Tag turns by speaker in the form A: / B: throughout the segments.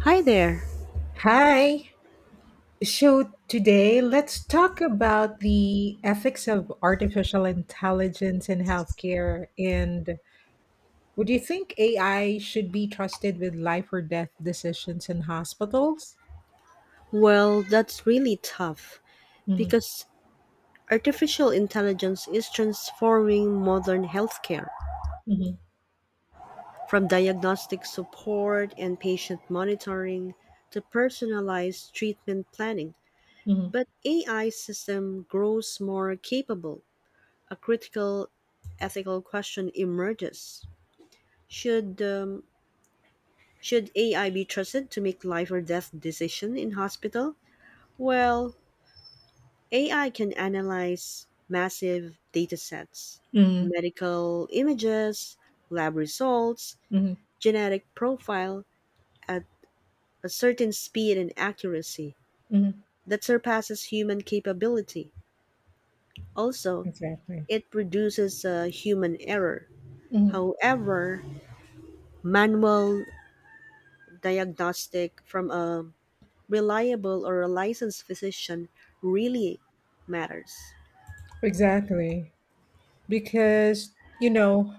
A: Hi there.
B: Hi. So today, let's talk about the ethics of artificial intelligence in healthcare. And would you think AI should be trusted with life or death decisions in hospitals?
A: Well, that's really tough
B: Mm-hmm.
A: because artificial intelligence is transforming modern healthcare
B: Mm-hmm.
A: from diagnostic support and patient monitoring to personalized treatment planning.
B: Mm-hmm.
A: But AI system grows more capable. A critical ethical question emerges. Should um, should AI be trusted to make life or death decision in hospital? Well, AI can analyze massive datasets,
B: Mm-hmm.
A: medical images, lab results,
B: Mm-hmm.
A: genetic profile at a certain speed and accuracy
B: Mm-hmm.
A: that surpasses human capability. Also,
B: Exactly.
A: it reduces human error.
B: Hmm.
A: However, manual diagnostic from a reliable or a licensed physician really matters.
B: Exactly. Because, you know,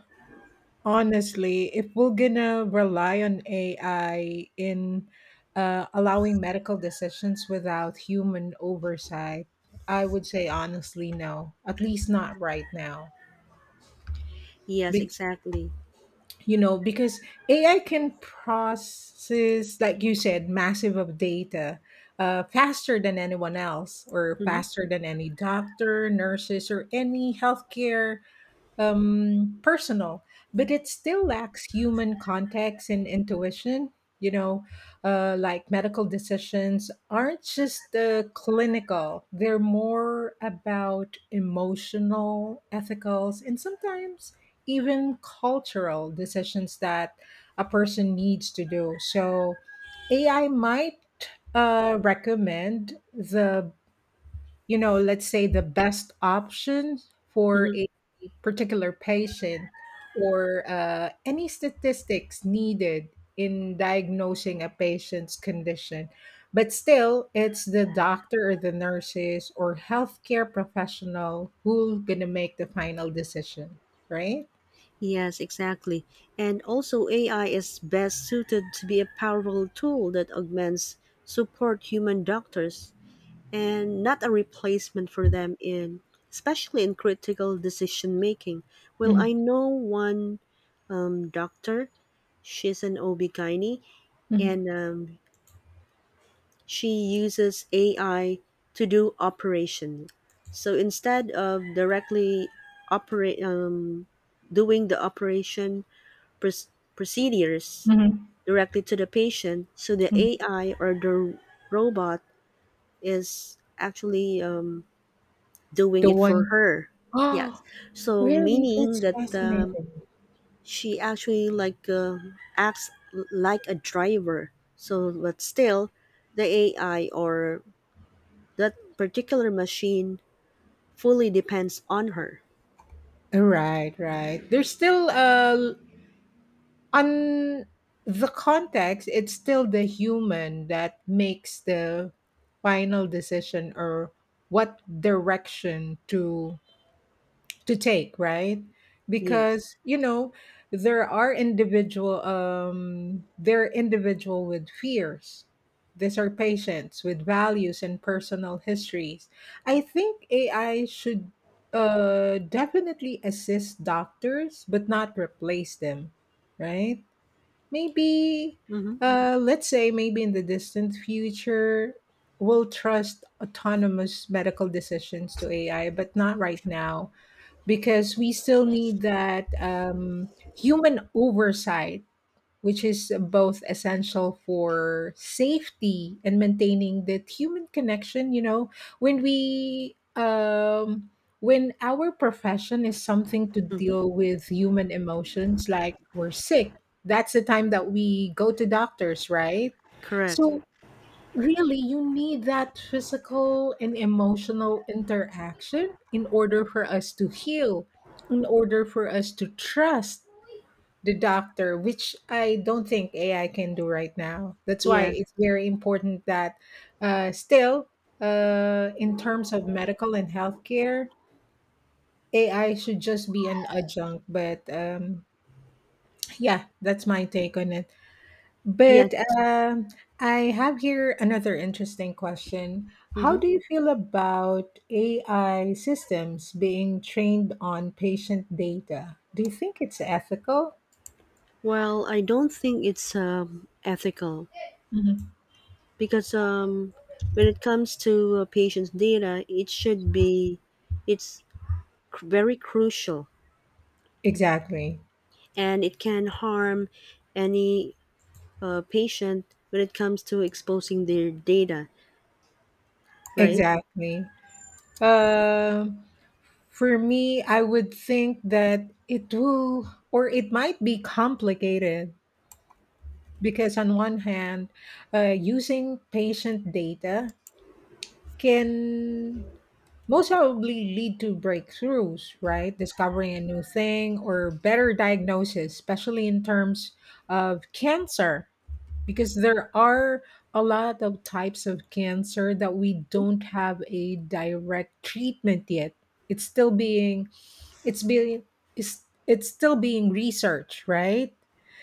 B: honestly, if we're gonna rely on AI in allowing medical decisions without human oversight, I would say honestly no, at least not right now.
A: Yes,
B: Be-
A: exactly.
B: because AI can process, like you said, massive of data faster than anyone else, or
A: Mhm,
B: faster than any doctor, nurses, or any healthcare personal, but it still lacks human context and intuition. You know, like medical decisions aren't just clinical, they're more about emotional, ethical, and sometimes even cultural decisions that a person needs to do. So, AI might recommend the let's say the best option for
A: mhm.
B: a particular patient or any statistics needed in diagnosing a patient's condition. But still, it's the doctor or the nurses or healthcare professional who's going to make the final decision, right?
A: Yes, exactly. And also, AI is best suited to be a powerful tool that augments support human doctors and not a replacement for them in especially in critical decision making. Well, I
B: Mm-hmm.
A: know one doctor, she's an OB-GYN and she uses AI to do operation. So instead of directly operate doing the operation procedures
B: Mm-hmm.
A: directly to the patient so the
B: Hmm.
A: AI or the robot is actually doing
B: The
A: it for
B: one,
A: her. Yes.
B: oh,
A: So
B: really?
A: meaning
B: That's
A: that
B: fascinating.
A: she actually like a driver. So but still the AI or that particular machine fully depends on her.
B: Right, right. There's still on the context, it's still the human that makes the final decision or what direction to take, right?
A: Yes.
B: Because you know, there are individual they're individual with fears. These are patients with values and personal histories. I think AI should definitely assist doctors but not replace them, right? Maybe,
A: Mm-hmm.
B: let's say, maybe in the distant future, we'll trust autonomous medical decisions to AI, but not right now because we still need that human oversight, which is both essential for safety and maintaining that human connection. You know, when we when our profession is something to
A: Mm-hmm.
B: deal with human emotions, like we're sick, that's the time that we go to doctors, right?
A: Correct.
B: So really, you need that physical and emotional interaction in order for us to heal, in order for us to trust the doctor, which I don't think AI can do right now. That's why
A: Yes.
B: it's very important that still, in terms of medical and healthcare, AI should just be an adjunct. But yeah, that's my take on it.
A: Yes.
B: But um, I have here another interesting question. How
A: Mm-hmm.
B: do you feel about AI systems being trained on patient data? Do you think it's ethical?
A: Well, I don't think it's ethical
B: Mhm.
A: because when it comes to patients' data, it should be it's very crucial
B: Exactly.
A: and it can harm any patient when it comes to exposing their data, right?
B: Exactly. Um, for me, I would think that it will or it might be complicated because, on one hand, using patient data can most probably lead to breakthroughs, right? Discovering a new thing or better diagnosis, especially in terms of cancer, because there are a lot of types of cancer that we don't have a direct treatment yet. it's still being it's being it's still being researched, right?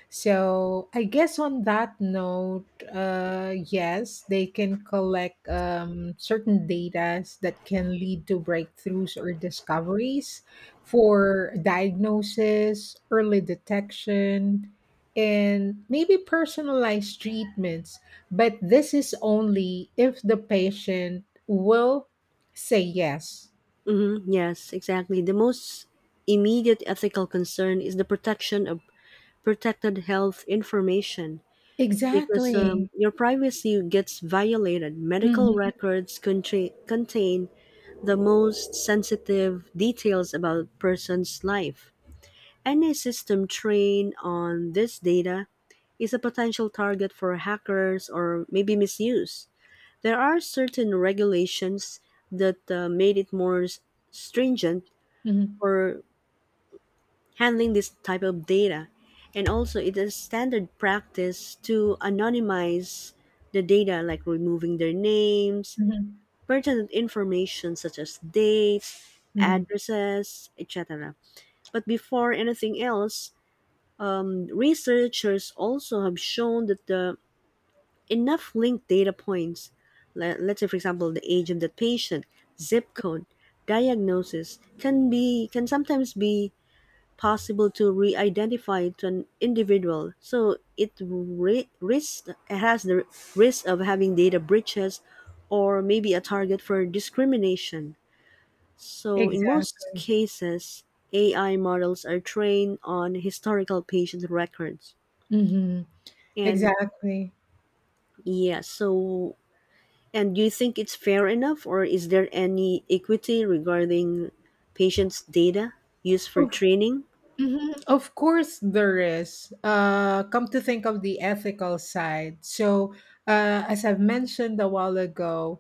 B: So I guess on that note, yes, they can collect certain data that can lead to breakthroughs or discoveries for diagnosis, early detection, and maybe personalized treatments, but this is only if the patient will say yes.
A: Mm-hmm. Yes, exactly. The most immediate ethical concern is the protection of protected health information because
B: Exactly.
A: your privacy gets violated. Medical
B: Mhm.
A: records contain the most sensitive details about a person's life. Any system trained on this data is a potential target for hackers or maybe misuse. There are certain regulations that made it more stringent
B: Mhm.
A: for handling this type of data. And also, it is standard practice to anonymize the data, like removing their names,
B: Mhm.
A: pertinent information such as dates,
B: Mhm.
A: addresses, etc. But before anything else, researchers also have shown that the enough linked data points, let's say for example the age of the patient, zip code, diagnosis, can sometimes be possible to re-identify to an individual. So it risks, it has the risk of having data breaches or maybe a target for discrimination. So in most
B: Exactly.
A: cases, AI models are trained on historical patient records.
B: Hmm.
A: And
B: Exactly.
A: yeah, so and do you think it's fair enough or is there any equity regarding patients' data used for
B: Of,
A: training?
B: mhm. Of course, there is. Come to think of the ethical side. So, as I've mentioned a while ago,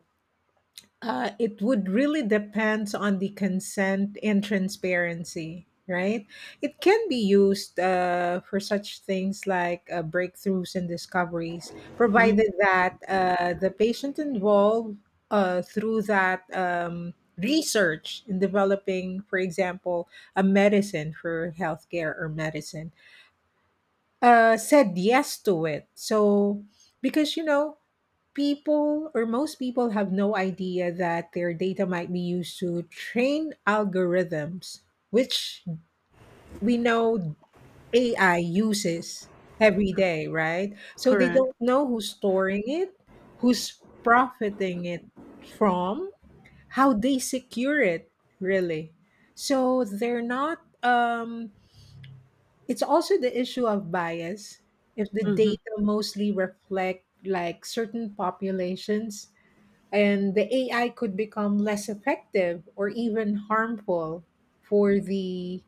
B: It would really depends on the consent and transparency, right? It can be used for such things like breakthroughs and discoveries,
A: Mhm.
B: provided that the patient involved through that research in developing, for example, a medicine for healthcare or medicine, said yes to it. So, because you know, people or most people have no idea that their data might be used to train algorithms, which we know AI uses every day, right? So they
A: Correct.
B: don't know who's storing it, who's profiting it from, how they secure it, really. So they're not, it's also the issue of bias. If the
A: Hmm.
B: data mostly reflect like certain populations, and the AI could become less effective or even harmful for the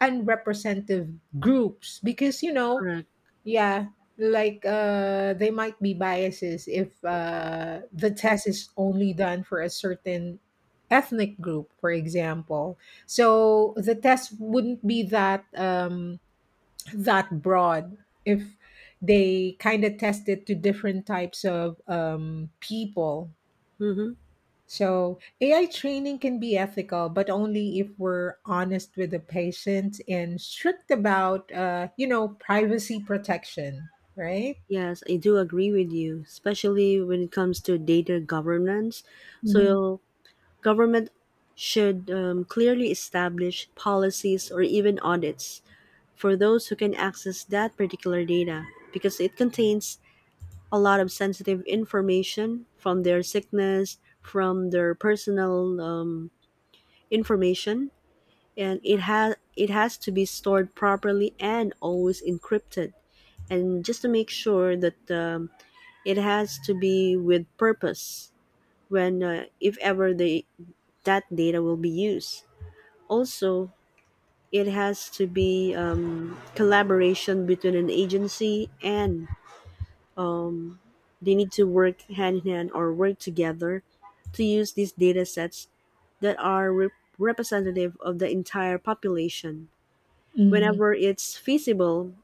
B: unrepresentative groups, because you know,
A: Correct.
B: yeah, like they might be biases if the test is only done for a certain ethnic group, for example, so the test wouldn't be that broad if they kind of tested to different types of people.
A: Hmm.
B: So, AI training can be ethical, but only if we're honest with the patient and strict about, you know, privacy protection, right?
A: Yes, I do agree with you, especially when it comes to data governance.
B: Hmm.
A: So, government should clearly establish policies or even audits for those who can access that particular data because it contains a lot of sensitive information from their sickness, from their personal information, and it has to be stored properly and always encrypted and just to make sure that it has to be with purpose when, if ever, they, that data will be used. Also, it has to be collaboration between an agency and um, they need to work hand in hand or work together to use these data sets that are representative of the entire population.
B: Hmm.
A: Whenever it's feasible,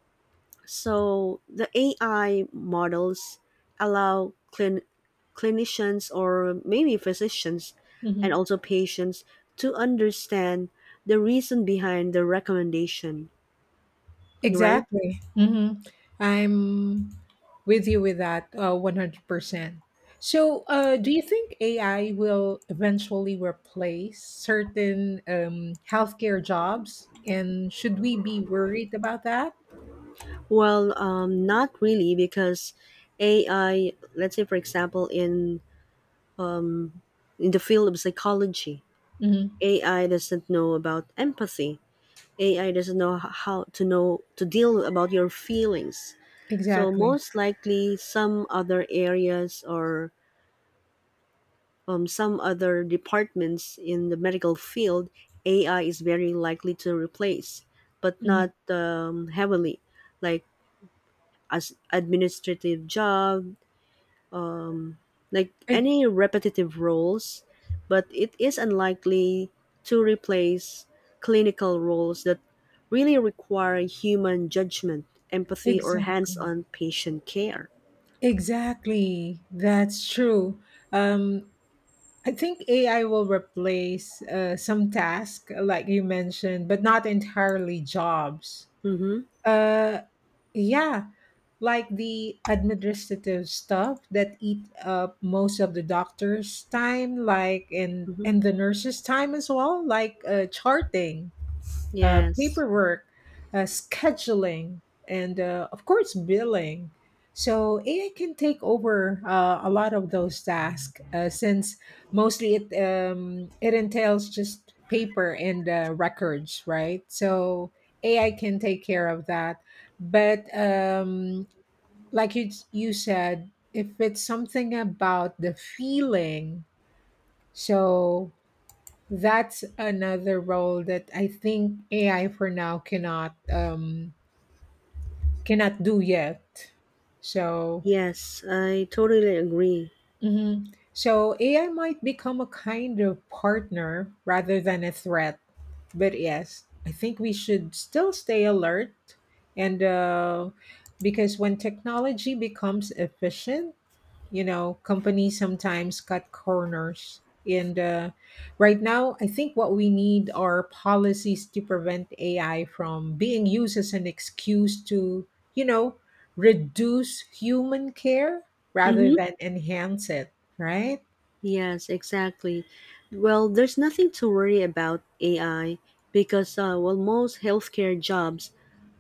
A: so the AI models allow clinicians or maybe physicians and
B: Hmm.
A: also patients to understand the reason behind the recommendation, right?
B: Exactly. Hmm. I'm with you with that 100%. So, do you think AI will eventually replace certain healthcare jobs? And should we be worried about that?
A: Well, not really because AI, let's say for example in the field of psychology,
B: Hmm.
A: AI doesn't know about empathy. AI doesn't know how to know to deal about your feelings. So
B: Exactly.
A: most likely some other areas or some other departments in the medical field, AI is very likely to replace, but
B: Hmm.
A: not heavily, like as administrative job, like any repetitive roles, but it is unlikely to replace clinical roles that really require human judgment, empathy, or
B: Exactly.
A: hands-on patient care.
B: Exactly. That's true. Um, I think AI will replace some tasks, like you mentioned, but not entirely jobs.
A: Mm-hmm.
B: Uh, yeah, like the administrative stuff that eat up most of the doctor's time, like and
A: Mm-hmm.
B: and the nurse's time as well, like charting.
A: Yes.
B: Paperwork, scheduling, and of course, billing. So AI can take over a lot of those tasks since mostly it entails just paper and records, right? So AI can take care of that. But like you said, if it's something about the feeling, so that's another role that I think AI for now cannot do yet. So,
A: Yes, I totally agree.
B: mhm. So AI might become a kind of partner rather than a threat. But yes, I think we should still stay alert, and because when technology becomes efficient, you know companies sometimes cut corners, and right now I think what we need are policies to prevent AI from being used as an excuse to, you know reduce human care rather
A: Mm-hmm.
B: than enhance it, right?
A: Yes, exactly. Well, there's nothing to worry about AI because, well, most healthcare jobs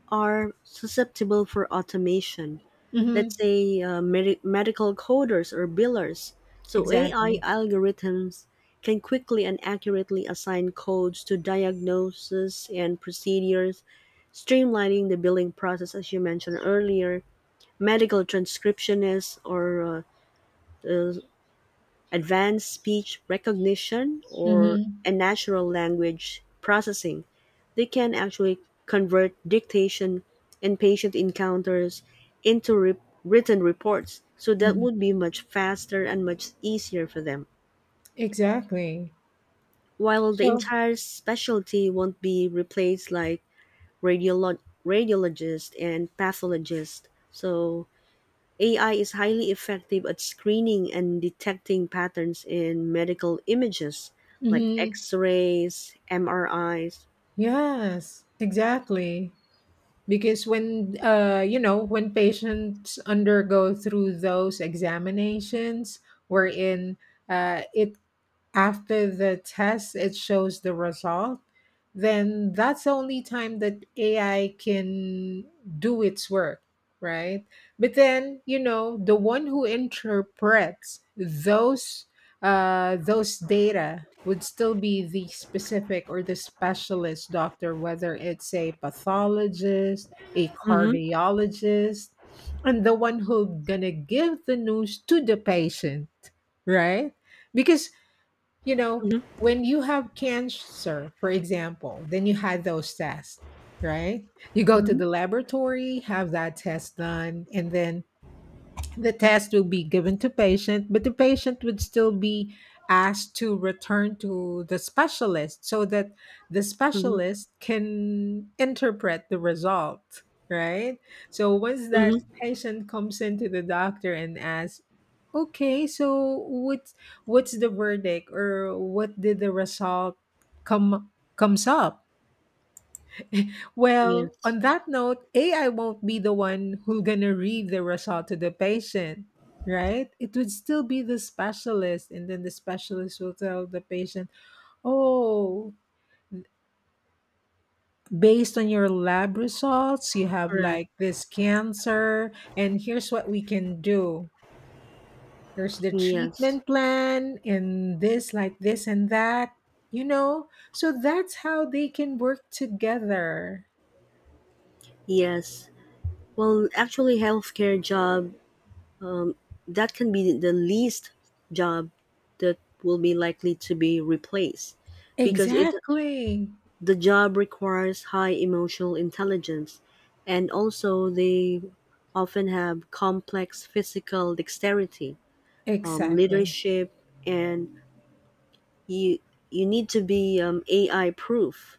A: are susceptible for automation.
B: Mm-hmm.
A: Let's say medical coders or billers. So, AI
B: Exactly.
A: algorithms can quickly and accurately assign codes to diagnoses and procedures, streamlining the billing process, as you mentioned earlier. Medical transcriptionists or uh, advanced speech recognition or
B: Mm-hmm.
A: a natural language processing they can actually convert dictation and patient encounters into written reports so that
B: Hmm.
A: would be much faster and much easier for them
B: Exactly.
A: while the
B: So,
A: entire specialty won't be replaced like radiolo- radiologist and pathologist so AI is highly effective at screening and detecting patterns in medical images like
B: hmm.
A: x rays, MRIs.
B: Yes, exactly. Because when you know, when patients undergo through those examinations, wherein it after the test it shows the result, then that's the only time that AI can do its work, right? But then, you know, the one who interprets those data would still be the specific or the specialist doctor, whether it's a pathologist, a
A: Mm-hmm,
B: cardiologist, and the one who gonna give the news to the patient, right? Because you know,
A: mm-hmm,
B: when you have cancer, for example, then you had those tests, right? You go to
A: mm-hmm,
B: the laboratory, have that test done, and then the test will be given to patient, but the patient would still be asked to return to the specialist so that the
A: mm-hmm,
B: specialist can interpret the result, right? So once that
A: mm-hmm.
B: patient comes into the doctor and asks, "Okay, so what's the verdict or what did the result come comes up?" Well,
A: Yes,
B: on that note, AI won't be the one who's gonna read the result to the patient, right? It would still be the specialist, and then the specialist will tell the patient, "Oh, based on your lab results, you have
A: correct.
B: like this cancer, and here's what we can do. Here's the
A: Yes,
B: treatment plan, and this, like this, and that." You know, so that's how they can work together.
A: yes. Well, actually, healthcare job that can be the least job that will be likely to be replaced because it
B: Exactly.
A: the job requires high emotional intelligence, and also they often have complex physical dexterity,
B: Exactly.
A: leadership, and you you need to be AI proof.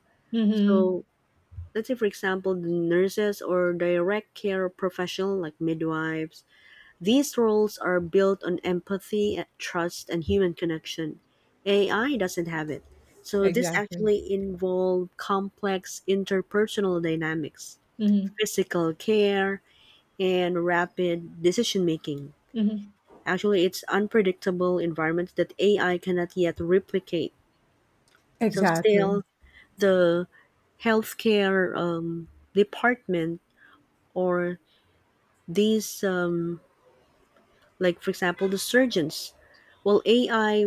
A: So
B: Mhm.
A: let's say, for example, the nurses or direct care professional like midwives, these roles are built on empathy, trust, and human connection. AI doesn't have it. So this
B: Exactly.
A: actually involves complex interpersonal dynamics,
B: Mhm.
A: physical care, and rapid decision making.
B: Mhm.
A: Actually, it's unpredictable environments that AI cannot yet replicate. So
B: Exactly.
A: still, the healthcare department or these like for example the surgeons, well AI,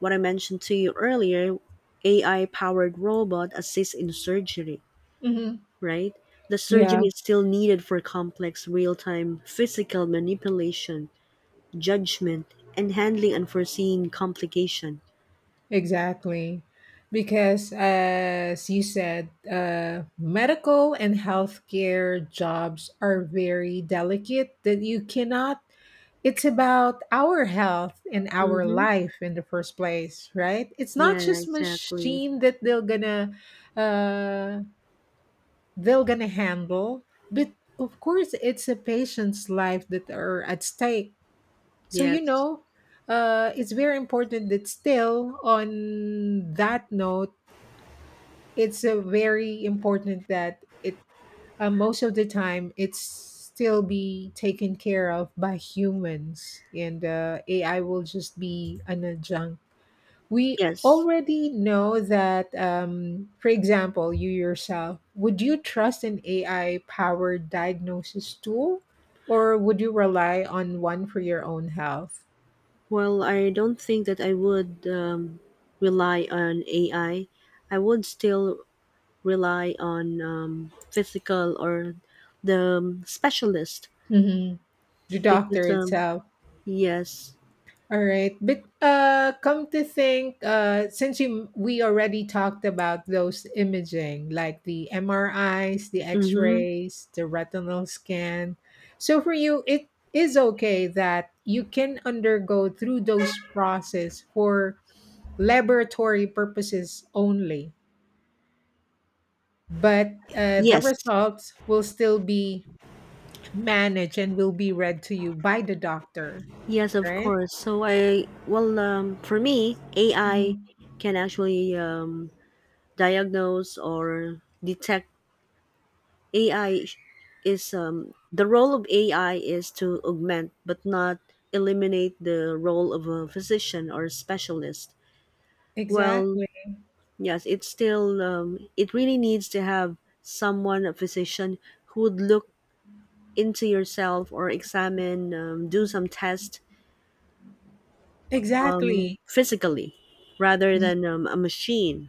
A: what I mentioned to you earlier, AI powered robot assists in surgery,
B: Mhm.
A: right? The surgeon
B: Yeah,
A: is still needed for complex real-time physical manipulation, judgment, and handling unforeseen complication.
B: exactly. Because as you said, medical and healthcare jobs are very delicate that you cannot. It's about our health and our
A: Mm-hmm.
B: life in the first place, right? It's not
A: Yeah,
B: just
A: exactly.
B: machine that uh they're gonna handle, but of course it's a patient's life that are at stake. So you
A: Yes.
B: know, it's very important that, still on that note, it's a very important that it, most of the time, it's still be taken care of by humans, and AI will just be an adjunct. We
A: Yes,
B: already know that, for example, you yourself, would you trust an AI powered diagnosis tool, or would you rely on one for your own health?
A: well, I don't think that I would rely on ai I would still rely on physical or the specialist
B: Mhm. The doctor
A: because
B: itself.
A: yes.
B: All right, but come to think, since we already talked about those imaging, like the MRIs, the
A: Mm-hmm.
B: X-rays, the retinal scan, so for you, it is okay that you can undergo through those process for laboratory purposes only, but the
A: Yes,
B: results will still be managed and will be read to you by the doctor,
A: yes, of
B: right?
A: course. So I well for me AI
B: Mhm.
A: can actually diagnose or detect. AI is the role of AI is to augment but not eliminate the role of a physician or specialist. Well,
B: Exactly.
A: yes, it's still, it really needs to have someone, a physician, who would look into yourself or examine, do some test
B: Exactly.
A: physically rather than a machine.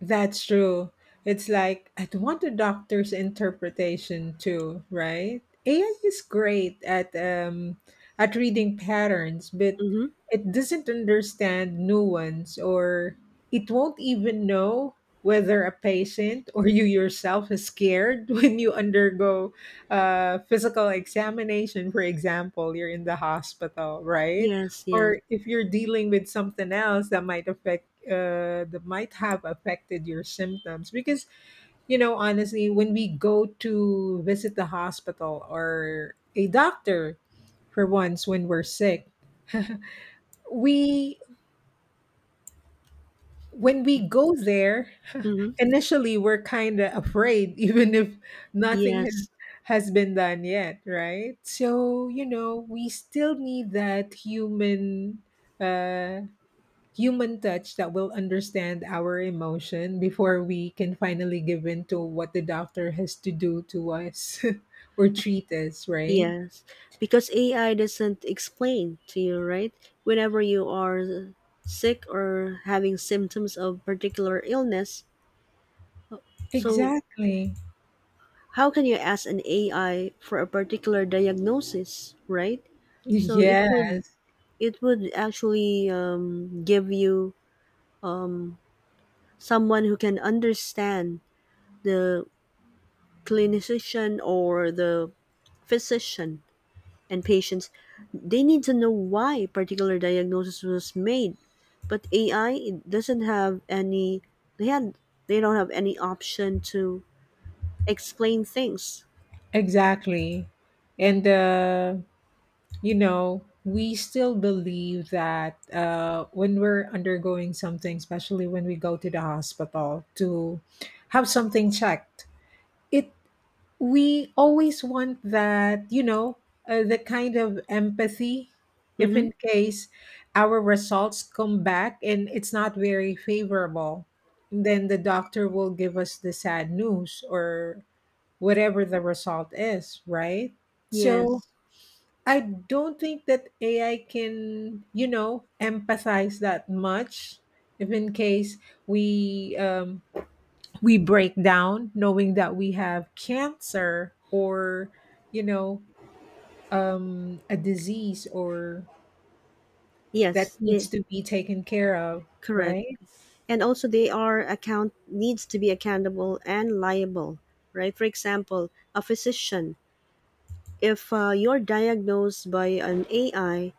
B: That's true. It's like, I'd want a doctor's interpretation too, right? AI is great at reading patterns, but
A: Mm-hmm.
B: it doesn't understand nuance or it won't even know whether a patient or you yourself is scared when you undergo physical examination, for example, you're in the hospital, right?
A: Yes, yes.
B: Or if you're dealing with something else that might affect that might have affected your symptoms because you know honestly when we go to visit the hospital or a doctor for once when we're sick we when we go there
A: Mm-hmm.
B: initially we're kind of afraid even if nothing has
A: Yes,
B: has been done yet, right? So you know we still need that human uh human touch that will understand our emotion before we can finally give in to what the doctor has to do to us or treat us, right?
A: yes. Because AI doesn't explain to you, right? Whenever you are sick or having symptoms of particular illness, so
B: Exactly.
A: how can you ask an AI for a particular diagnosis, right? So it would,
B: Yes,
A: it would actually give you someone who can understand the clinician or the physician and patients. They need to know why particular diagnosis was made, but AI it doesn't have any. They had they don't have any option to explain things.
B: exactly. And, you know, we still believe that when we're undergoing something, especially when we go to the hospital to have something checked, it we always want that the kind of empathy if
A: Mm-hmm.
B: in case our results come back and it's not very favorable, then the doctor will give us the sad news or whatever the result is, right? So
A: Yes.
B: I don't think that AI can, you know, empathize that much if in case we um, we break down knowing that we have cancer or you know a disease or that
A: Yes. Yeah.
B: needs to be taken care of,
A: Correct.
B: right?
A: And also, they are account needs to be accountable and liable, right? For example, a physician, if you're diagnosed by an AI,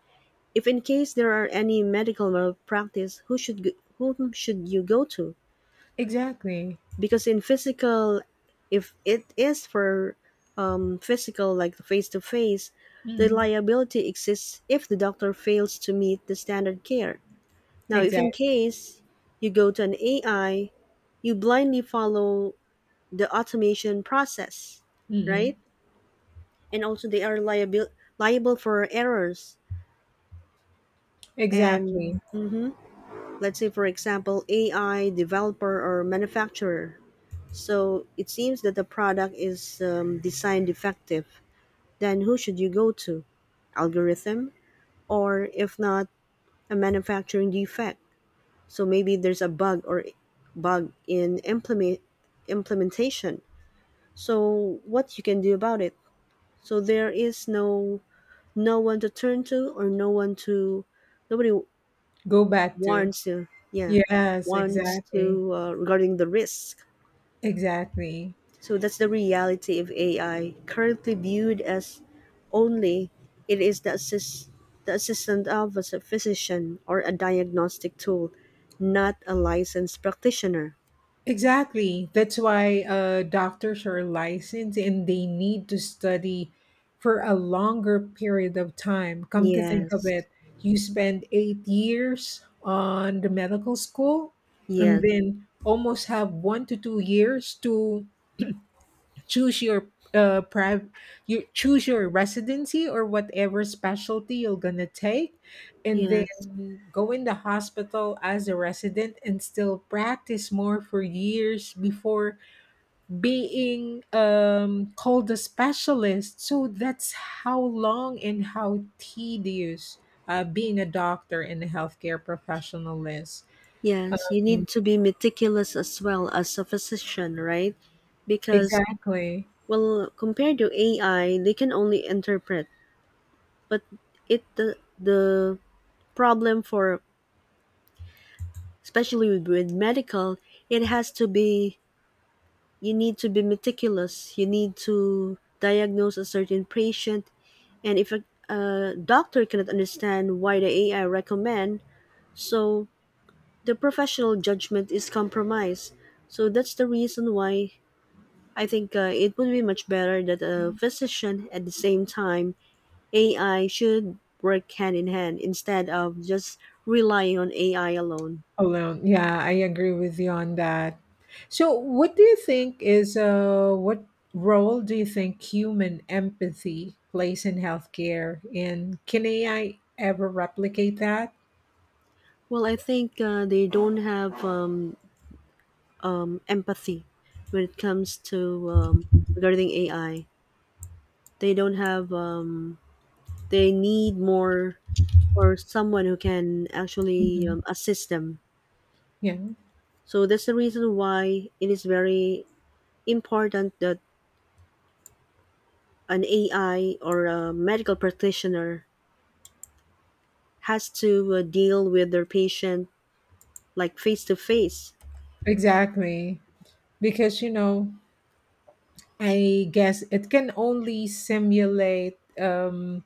A: if in case there are any medical malpractice, whom should you go to?
B: Exactly.
A: Because in physical, if it is for physical like face to face, the
B: Mm.
A: liability exists if the doctor fails to meet the standard care. Now, if in
B: Exactly.
A: case you go to an AI, you blindly follow the automation process,
B: Mm.
A: right? And also, they are liable for errors. And
B: Exactly.
A: mhm, let's say, for example, AI developer or manufacturer. So it seems that the product is design defective. Then who should you go to? Algorithm, or if not, a manufacturing defect. So maybe there's a bug or bug in implementation. So what you can do about it? So there is no, no one to turn to or no one to, nobody
B: Go back to.
A: warns you. Yeah,
B: Yes,
A: warns
B: exactly.
A: to regarding the risk.
B: Exactly.
A: So that's the reality of AI currently viewed as only it is the assistant of a physician or a diagnostic tool, not a licensed practitioner.
B: Exactly. That's why doctors are licensed and they need to study for a longer period of time. Come to think of
A: Yes.
B: it, you spend 8 years on the medical school and
A: Yes,
B: then almost have 1 to 2 years to choose your uh priv- you choose your residency or whatever specialty you're gonna take, and
A: yes,
B: then go in the hospital as a resident and still practice more for years before being called a specialist. So that's how long and how tedious being a doctor and a healthcare professional is.
A: yes. You need to be meticulous as well as a physician, right? Because,
B: Exactly.
A: well, compared to AI, they can only interpret, but it the problem for especially with medical, it has to be you need to be meticulous. You need to diagnose a certain patient, and if a doctor cannot understand why the AI recommend, so the professional judgment is compromised. So that's the reason why I think it would be much better that a physician at the same time AI should work hand in hand instead of just relying on AI alone.
B: Alone. Yeah, I agree with you on that. So, what do you think is what role do you think human empathy plays in healthcare? And can AI ever replicate that?
A: Well, I think they don't have empathy when it comes to regarding AI. They don't have. They need more or someone who can actually
B: Mhm.
A: assist them.
B: Yeah,
A: So that's the reason why it is very important that an AI or a medical practitioner has to deal with their patient like face to face.
B: exactly. Because, you know, I guess it can only simulate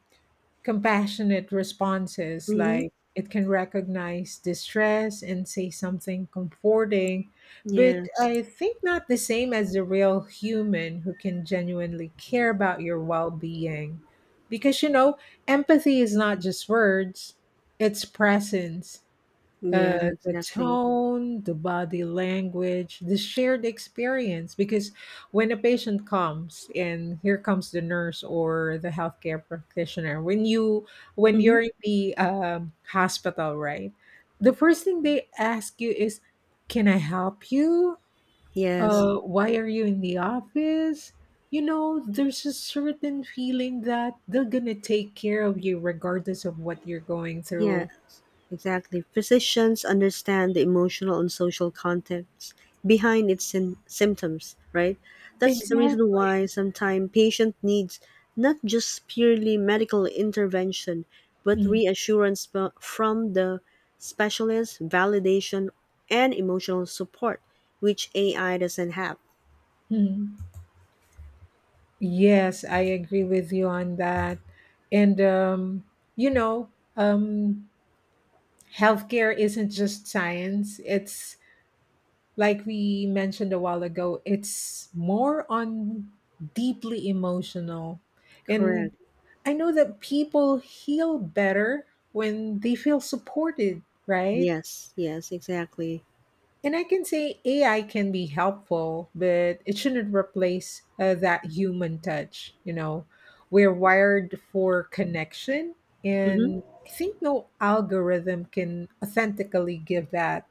B: compassionate responses.
A: Mhm.
B: Like, it can recognize distress and say something comforting, but
A: Yes.
B: I think not the same as the real human who can genuinely care about your well-being, because you know empathy is not just words, it's presence,
A: Yes,
B: the
A: exactly.
B: tone, the body language, the shared experience. Because when a patient comes, and here comes the nurse or the healthcare practitioner, when
A: Mhm.
B: you're in the hospital, right? The first thing they ask you is, "Can I help you?
A: Yes.
B: Why are you in the office?" You know, there's a certain feeling that they're gonna take care of you regardless of what you're going
A: Yes,
B: through.
A: exactly. Physicians understand the emotional and social context behind its symptoms, right? That's the
B: Exactly.
A: reason why sometimes patient needs not just purely medical intervention, but reassurance from the specialist, validation, and emotional support, which AI doesn't have.
B: Hmm. Yes, I agree with you on that. And, you know, um, healthcare isn't just science. It's like we mentioned a while ago, it's more on deeply emotional. And
A: Correct.
B: I know that people heal better when they feel supported, right?
A: Yes, yes, exactly.
B: And I can say AI can be helpful, but it shouldn't replace that human touch. You know, we're wired for connection, and
A: Mm-hmm.
B: I think no algorithm can authentically give that,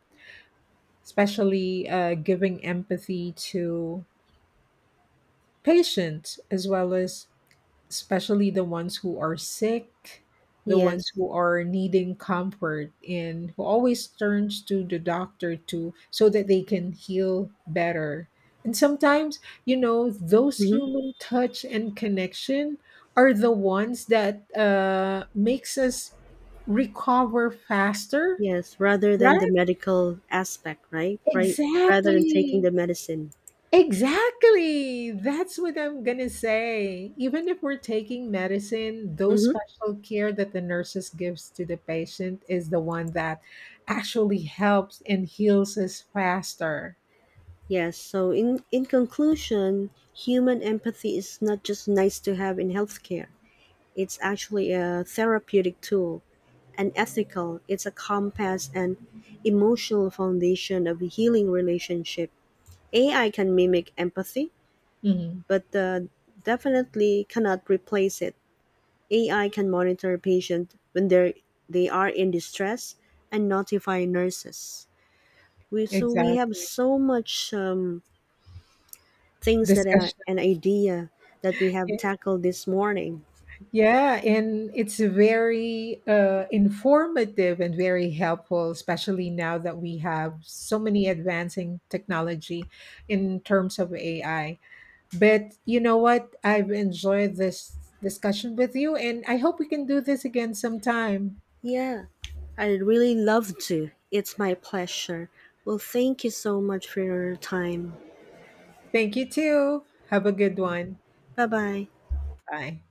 B: especially giving empathy to patients, as well as especially the ones who are sick, the ones
A: Yes.
B: who are needing comfort, and who always turns to the doctor to so that they can heal better. And sometimes, you know, those
A: Mm-hmm.
B: human touch and connection are the ones that makes us recover faster,
A: Yes, rather than
B: right?
A: the medical aspect, right? Right, rather than taking
B: Exactly.
A: the medicine.
B: Exactly. That's what I'm going to say. Even if we're taking medicine, those
A: Mm-hmm.
B: special care that the nurses gives to the patient is the one that actually helps and heals us faster.
A: Yes. So, in conclusion, human empathy is not just nice to have in healthcare. It's actually a therapeutic tool, an ethical. It's a compass and emotional foundation of a healing relationship. AI can mimic empathy,
B: Mhm.
A: but definitely cannot replace it. AI can monitor patients when they are in distress and notify nurses. So we have
B: Exactly.
A: so much things that are
B: Discussion.
A: an idea that we have tackled this morning.
B: Yeah, and it's very informative and very helpful, especially now that we have so many advancing technology in terms of AI. But you know what? I've enjoyed this discussion with you, and I hope we can do this again sometime.
A: Yeah, I really love to. It's my pleasure. Well, thank you so much for your time.
B: Thank you, too. Have a good one.
A: Bye bye.
B: Bye.